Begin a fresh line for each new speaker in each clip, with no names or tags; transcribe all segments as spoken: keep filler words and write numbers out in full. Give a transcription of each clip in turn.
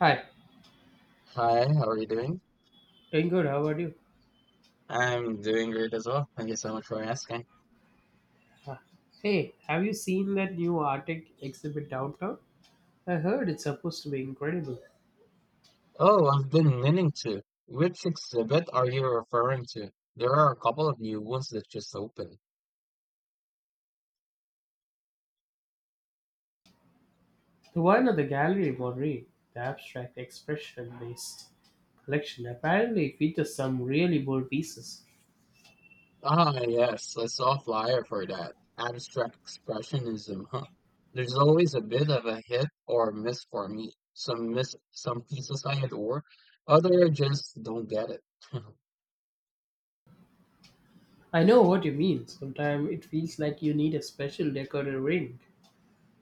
Hi,
Hi, how are you doing?
doing good. How about you?
I'm doing great as well. Thank you so much for asking.
Ah, hey, have you seen that new Arctic exhibit downtown? I heard it's supposed to be incredible.
Oh, I've been meaning to. Which exhibit are you referring to? There are a couple of new ones that just opened.
The one at the Gallery Monterey, the abstract expression-based collection, apparently features some really bold pieces.
Ah, yes, I saw a flyer for that. Abstract Expressionism, huh? There's always a bit of a hit or miss for me. Some miss some pieces I adore, other just don't get it.
I know what you mean. Sometimes it feels like you need a special decorator ring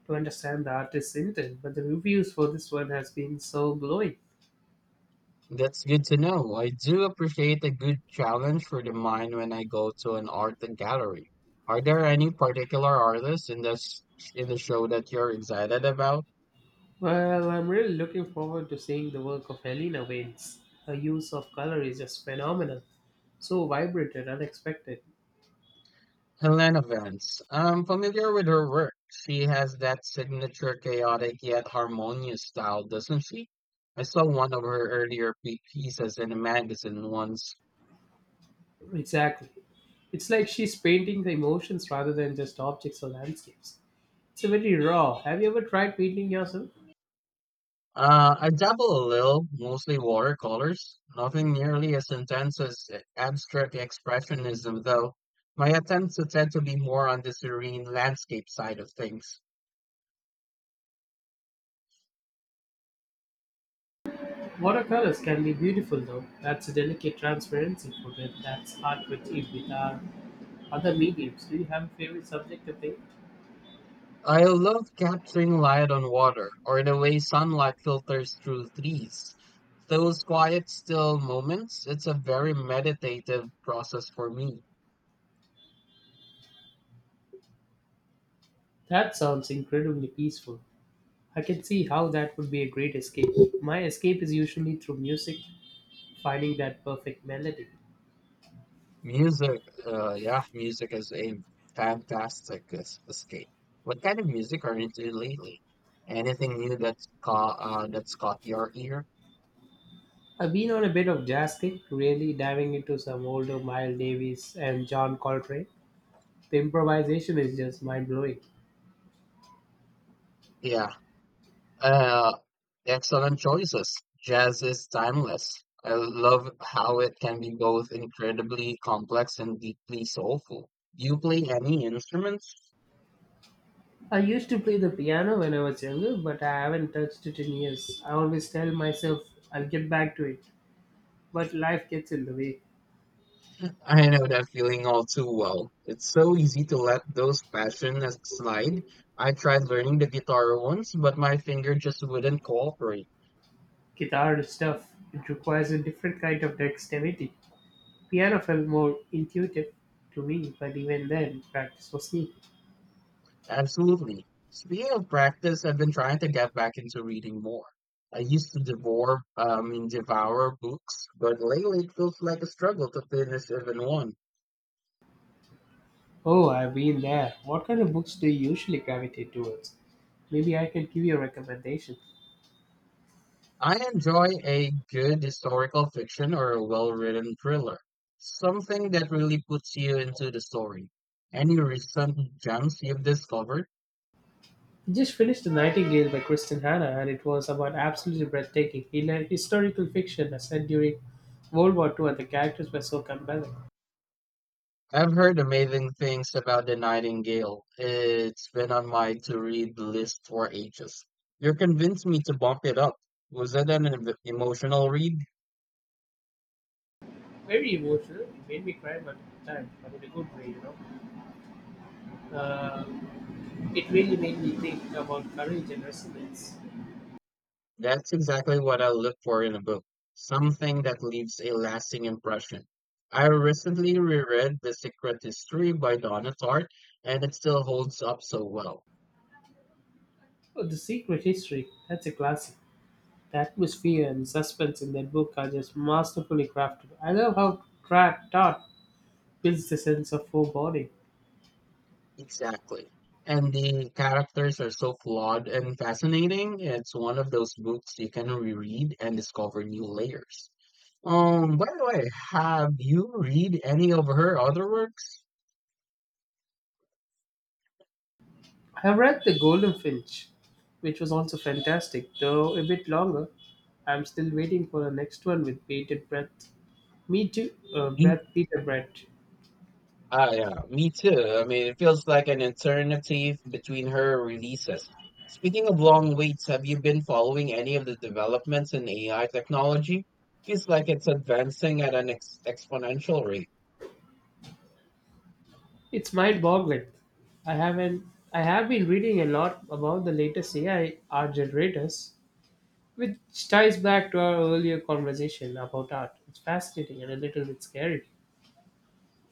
to understand the artist's intent, but the reviews for this one has been so glowing.
That's good to know. I do appreciate a good challenge for the mind when I go to an art gallery. Are there any particular artists in this in the show that you're excited about?
Well, I'm really looking forward to seeing the work of Helena Waynes. Her use of color is just phenomenal. So vibrant and unexpected.
Helena Vance. I'm familiar with her work. She has that signature chaotic yet harmonious style, doesn't she? I saw one of her earlier pe- pieces in a magazine once.
Exactly. It's like she's painting the emotions rather than just objects or landscapes. It's a very raw. Have you ever tried painting yourself?
Uh, I dabble a little, mostly watercolors. Nothing nearly as intense as abstract expressionism, though. My attempts to tend to be more on the serene landscape side of things.
Watercolors can be beautiful though. That's a delicate transparency for them. That's hard to achieve with our other mediums. Do you have a favorite subject to paint?
I love capturing light on water, or the way sunlight filters through trees. Those quiet, still moments, it's a very meditative process for me.
That sounds incredibly peaceful. I can see how that would be a great escape. My escape is usually through music, finding that perfect melody.
Music, uh, yeah, music is a fantastic es- escape. What kind of music are you into lately? Anything new that's caught uh, that's caught your ear?
I've been on a bit of jazz kick, really diving into some older Miles Davis and John Coltrane. The improvisation is just mind blowing.
Yeah, uh, excellent choices. Jazz is timeless. I love how it can be both incredibly complex and deeply soulful. Do you play any instruments?
I used to play the piano when I was younger, but I haven't touched it in years. I always tell myself I'll get back to it, but life gets in the way.
I know that feeling all too well. It's so easy to let those passions slide. I tried learning the guitar once, but my finger just wouldn't cooperate.
Guitar stuff, it requires a different kind of dexterity. Piano felt more intuitive to me, but even then, practice was key.
Absolutely. Speaking of practice, I've been trying to get back into reading more. I used to devour, um, devour books, but lately it feels like a struggle to finish even one.
Oh, I've been there. What kind of books do you usually gravitate towards? Maybe I can give you a recommendation.
I enjoy a good historical fiction or a well-written thriller. Something that really puts you into the story. Any recent gems you've discovered?
I just finished The Nightingale by Kristen Hanna, and it was about absolutely breathtaking. He learned historical fiction as set during World War two, and the characters were so compelling.
I've heard amazing things about The Nightingale. It's been on my to-read list for ages. You're convinced me to bump it up. Was it an em- emotional read?
Very emotional. It made me cry multiple times, but in a good way, you know. Uh, it really made me think about courage and resilience.
That's exactly what I look for in a book, something that leaves a lasting impression. I recently reread The Secret History by Donna Tartt, and it still holds up so well.
Oh, The Secret History. That's a classic. The atmosphere and suspense in that book are just masterfully crafted. I love how Tra- Todd builds the sense of foreboding.
Exactly. And the characters are so flawed and fascinating. It's one of those books you can reread and discover new layers. Um, by the way, have you read any of her other works?
I have read The Golden Finch, which was also fantastic, though a bit longer. I'm still waiting for the next one with bated breath. Me too, uh, breath, Peter Brett.
Ah, yeah, me too. I mean, it feels like an alternative between her releases. Speaking of long waits, have you been following any of the developments in A I technology? Feels like it's advancing at an ex exponential rate.
It's mind-boggling. I haven't. I have been reading a lot about the latest A I art generators, which ties back to our earlier conversation about art. It's fascinating and a little bit scary.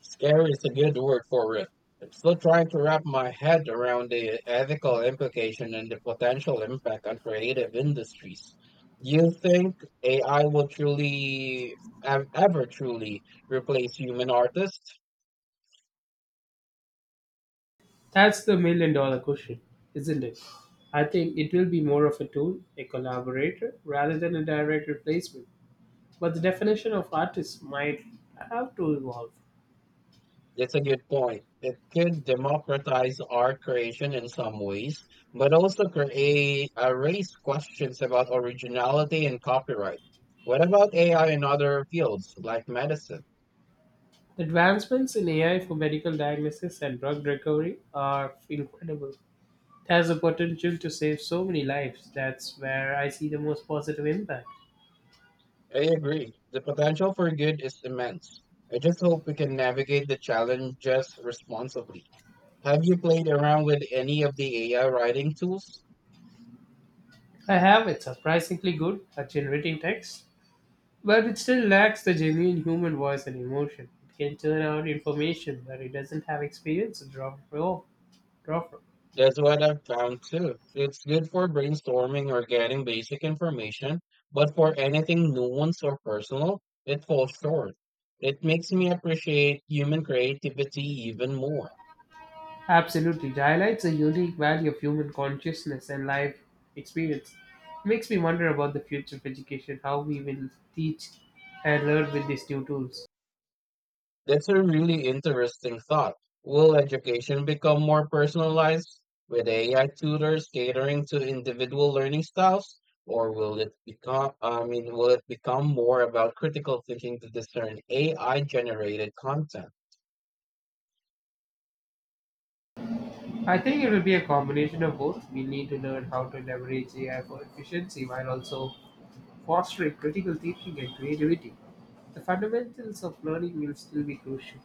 Scary is a good word for it. I'm still trying to wrap my head around the ethical implication and the potential impact on creative industries. Do you think A I will truly, ev- ever truly replace human artists?
That's the million dollar question, isn't it? I think it will be more of a tool, a collaborator, rather than a direct replacement. But the definition of artist might have to evolve.
That's a good point. It could democratize art creation in some ways, but also create uh, raise questions about originality and copyright. What about A I in other fields like medicine?
The advancements in A I for medical diagnosis and drug recovery are incredible. It has the potential to save so many lives. That's where I see the most positive impact.
I agree. The potential for good is immense. I just hope we can navigate the challenges responsibly. Have you played around with any of the A I writing tools?
I have it surprisingly good at generating text, but it still lacks the genuine human voice and emotion. It can turn out information, but it doesn't have experience to draw from. Draw from.
That's what I've found too. It's good for brainstorming or getting basic information, but for anything nuanced or personal, it falls short. It makes me appreciate human creativity even more.
Absolutely. It highlights a unique value of human consciousness and life experience. It makes me wonder about the future of education, how we will teach and learn with these new tools.
That's a really interesting thought. Will education become more personalized with A I tutors catering to individual learning styles, or will it become, I mean, will it become more about critical thinking to discern A I generated content?
I think it will be a combination of both. We need to learn how to leverage A I for efficiency while also fostering critical thinking and creativity. The fundamentals of learning will still be crucial.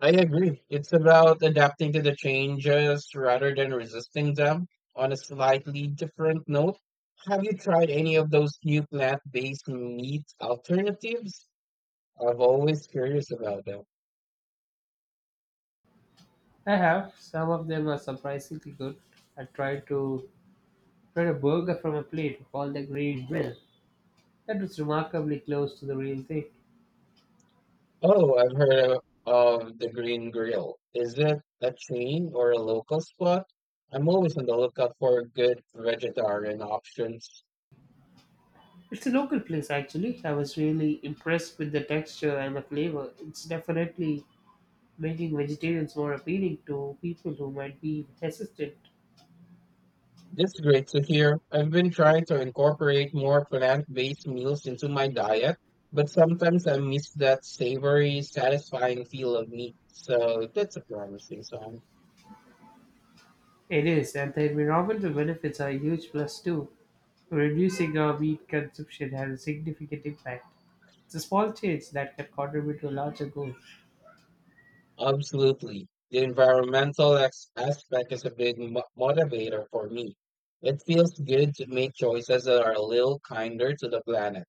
I agree. It's about adapting to the changes rather than resisting them. On a slightly different note, have you tried any of those new plant-based meat alternatives? I've always curious about them.
I have. Some of them are surprisingly good. I tried to try a burger from a plate called the Green Mill. That was remarkably close to the real thing.
Oh, I've heard of, of the Green Grill. Is it a chain or a local spot? I'm always on the lookout for good vegetarian options.
It's a local place actually. I was really impressed with the texture and the flavor. It's definitely making vegetarians more appealing to people who might be hesitant.
That's great to hear. I've been trying to incorporate more plant-based meals into my diet, but sometimes I miss that savory, satisfying feel of meat. So that's a promising sign.
It is, and the environmental benefits are a huge plus too. Reducing our meat consumption had a significant impact. It's a small change that can contribute to a larger goal.
Absolutely. The environmental ex- aspect is a big mo- motivator for me. It feels good to make choices that are a little kinder to the planet.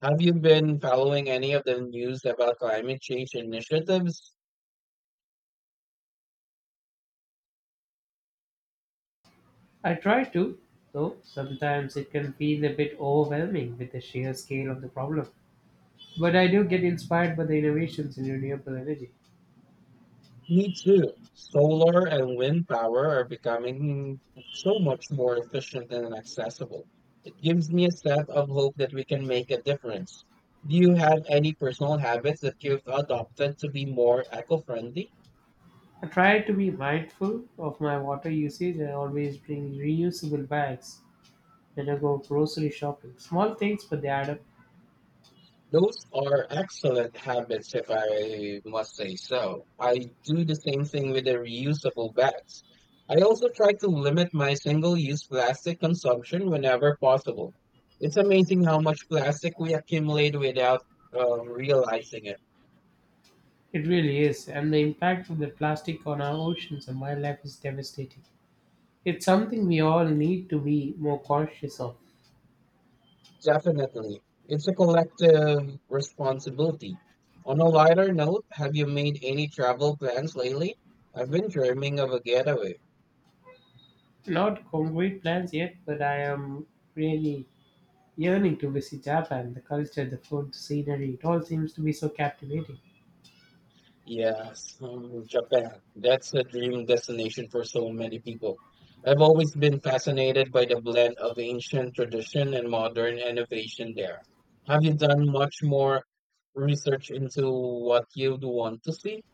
Have you been following any of the news about climate change initiatives?
I try to, though sometimes it can feel a bit overwhelming with the sheer scale of the problem. But I do get inspired by the innovations in renewable energy.
Me too. Solar and wind power are becoming so much more efficient and accessible. It gives me a sense of hope that we can make a difference. Do you have any personal habits that you've adopted to be more eco-friendly?
I try to be mindful of my water usage and always bring reusable bags when I go grocery shopping. Small things, but they add up.
Those are excellent habits, if I must say so. I do the same thing with the reusable bags. I also try to limit my single-use plastic consumption whenever possible. It's amazing how much plastic we accumulate without um, realizing it.
It really is, and the impact of the plastic on our oceans and wildlife is devastating. It's something we all need to be more conscious of.
Definitely. It's a collective responsibility. On a lighter note, have you made any travel plans lately? I've been dreaming of a getaway.
Not concrete plans yet, but I am really yearning to visit Japan, the culture, the food, the scenery, it all seems to be so captivating.
Yes, um, Japan. That's a dream destination for so many people. I've always been fascinated by the blend of ancient tradition and modern innovation there. Have you done much more research into what you'd want to see?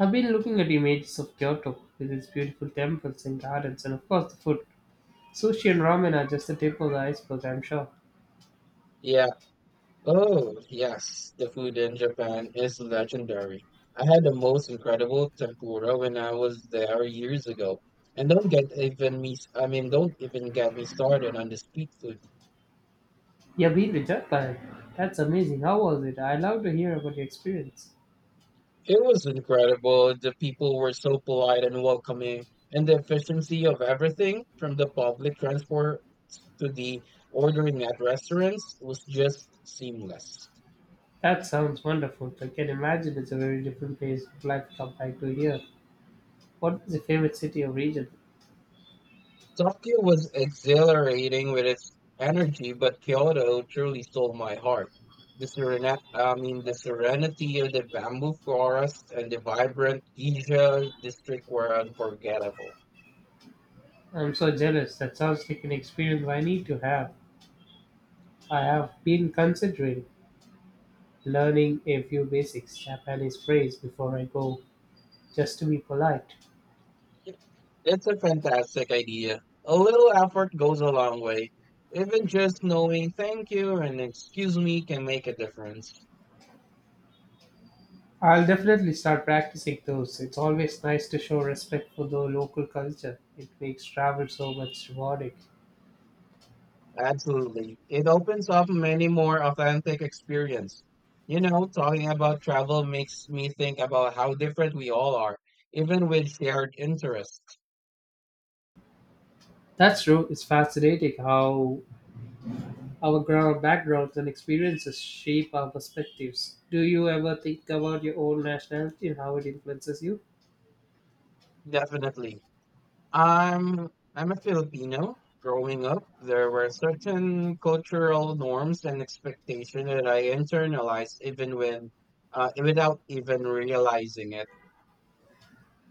I've been looking at images of Kyoto with its beautiful temples and gardens, and of course the food. Sushi and ramen are just the tip of the iceberg, I'm sure.
Yeah. Oh, yes. The food in Japan is legendary. I had the most incredible tempura when I was there years ago. And don't get even me, I mean, don't even get me started on the street food.
You've been to Japan? That's amazing. How was it? I'd love to hear about your experience.
It was incredible. The people were so polite and welcoming, and the efficiency of everything from the public transport to the ordering at restaurants was just seamless.
That sounds wonderful. I can imagine it's a very different place of life compared to here. What was your favorite city or region?
Tokyo was exhilarating with its energy, but Kyoto truly stole my heart. The serenity, I mean, the serenity of the bamboo forest and the vibrant Giza district were unforgettable.
I'm so jealous. That sounds like an experience I need to have. I have been considering learning a few basics Japanese phrases before I go, just to be polite.
That's a fantastic idea. A little effort goes a long way. Even just knowing thank you and excuse me can make a difference.
I'll definitely start practicing those. It's always nice to show respect for the local culture. It makes travel so much rewarding.
Absolutely. It opens up many more authentic experience. You know, talking about travel makes me think about how different we all are, even with shared interests.
That's true. It's fascinating how our ground backgrounds and experiences shape our perspectives. Do you ever think about your own nationality and how it influences you?
Definitely. I'm I'm a Filipino. Growing up, there were certain cultural norms and expectations that I internalized even when uh, without even realizing it.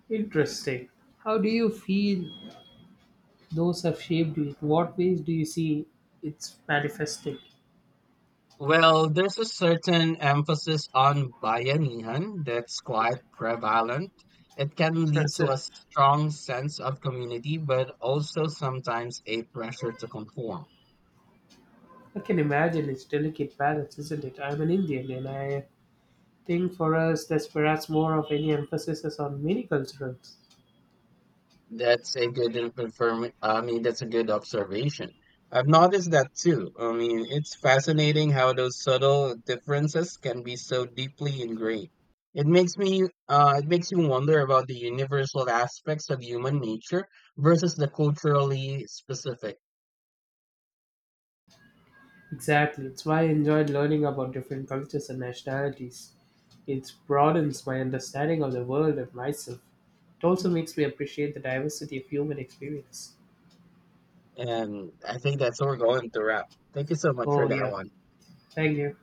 Interesting. How do you feel those have shaped you? In what ways do you see it's manifesting?
Well, there's a certain emphasis on bayanihan that's quite prevalent. It can lead to
Present
a strong sense of community, but also sometimes a pressure to conform.
I can imagine it's delicate balance, isn't it? I'm an Indian, and I think for us there's perhaps more of any emphasis is on many cultures.
That's a good and confirm. I mean, that's a good observation. I've noticed that too. I mean, it's fascinating how those subtle differences can be so deeply ingrained. It makes me, uh, it makes you wonder about the universal aspects of human nature versus the culturally specific.
Exactly, it's why I enjoyed learning about different cultures and nationalities. It broadens my understanding of the world and myself. It also makes me appreciate the diversity of human experience.
And I think that's what we're going to wrap. Thank you so much for
Oh
that
yeah,
one.
thank you.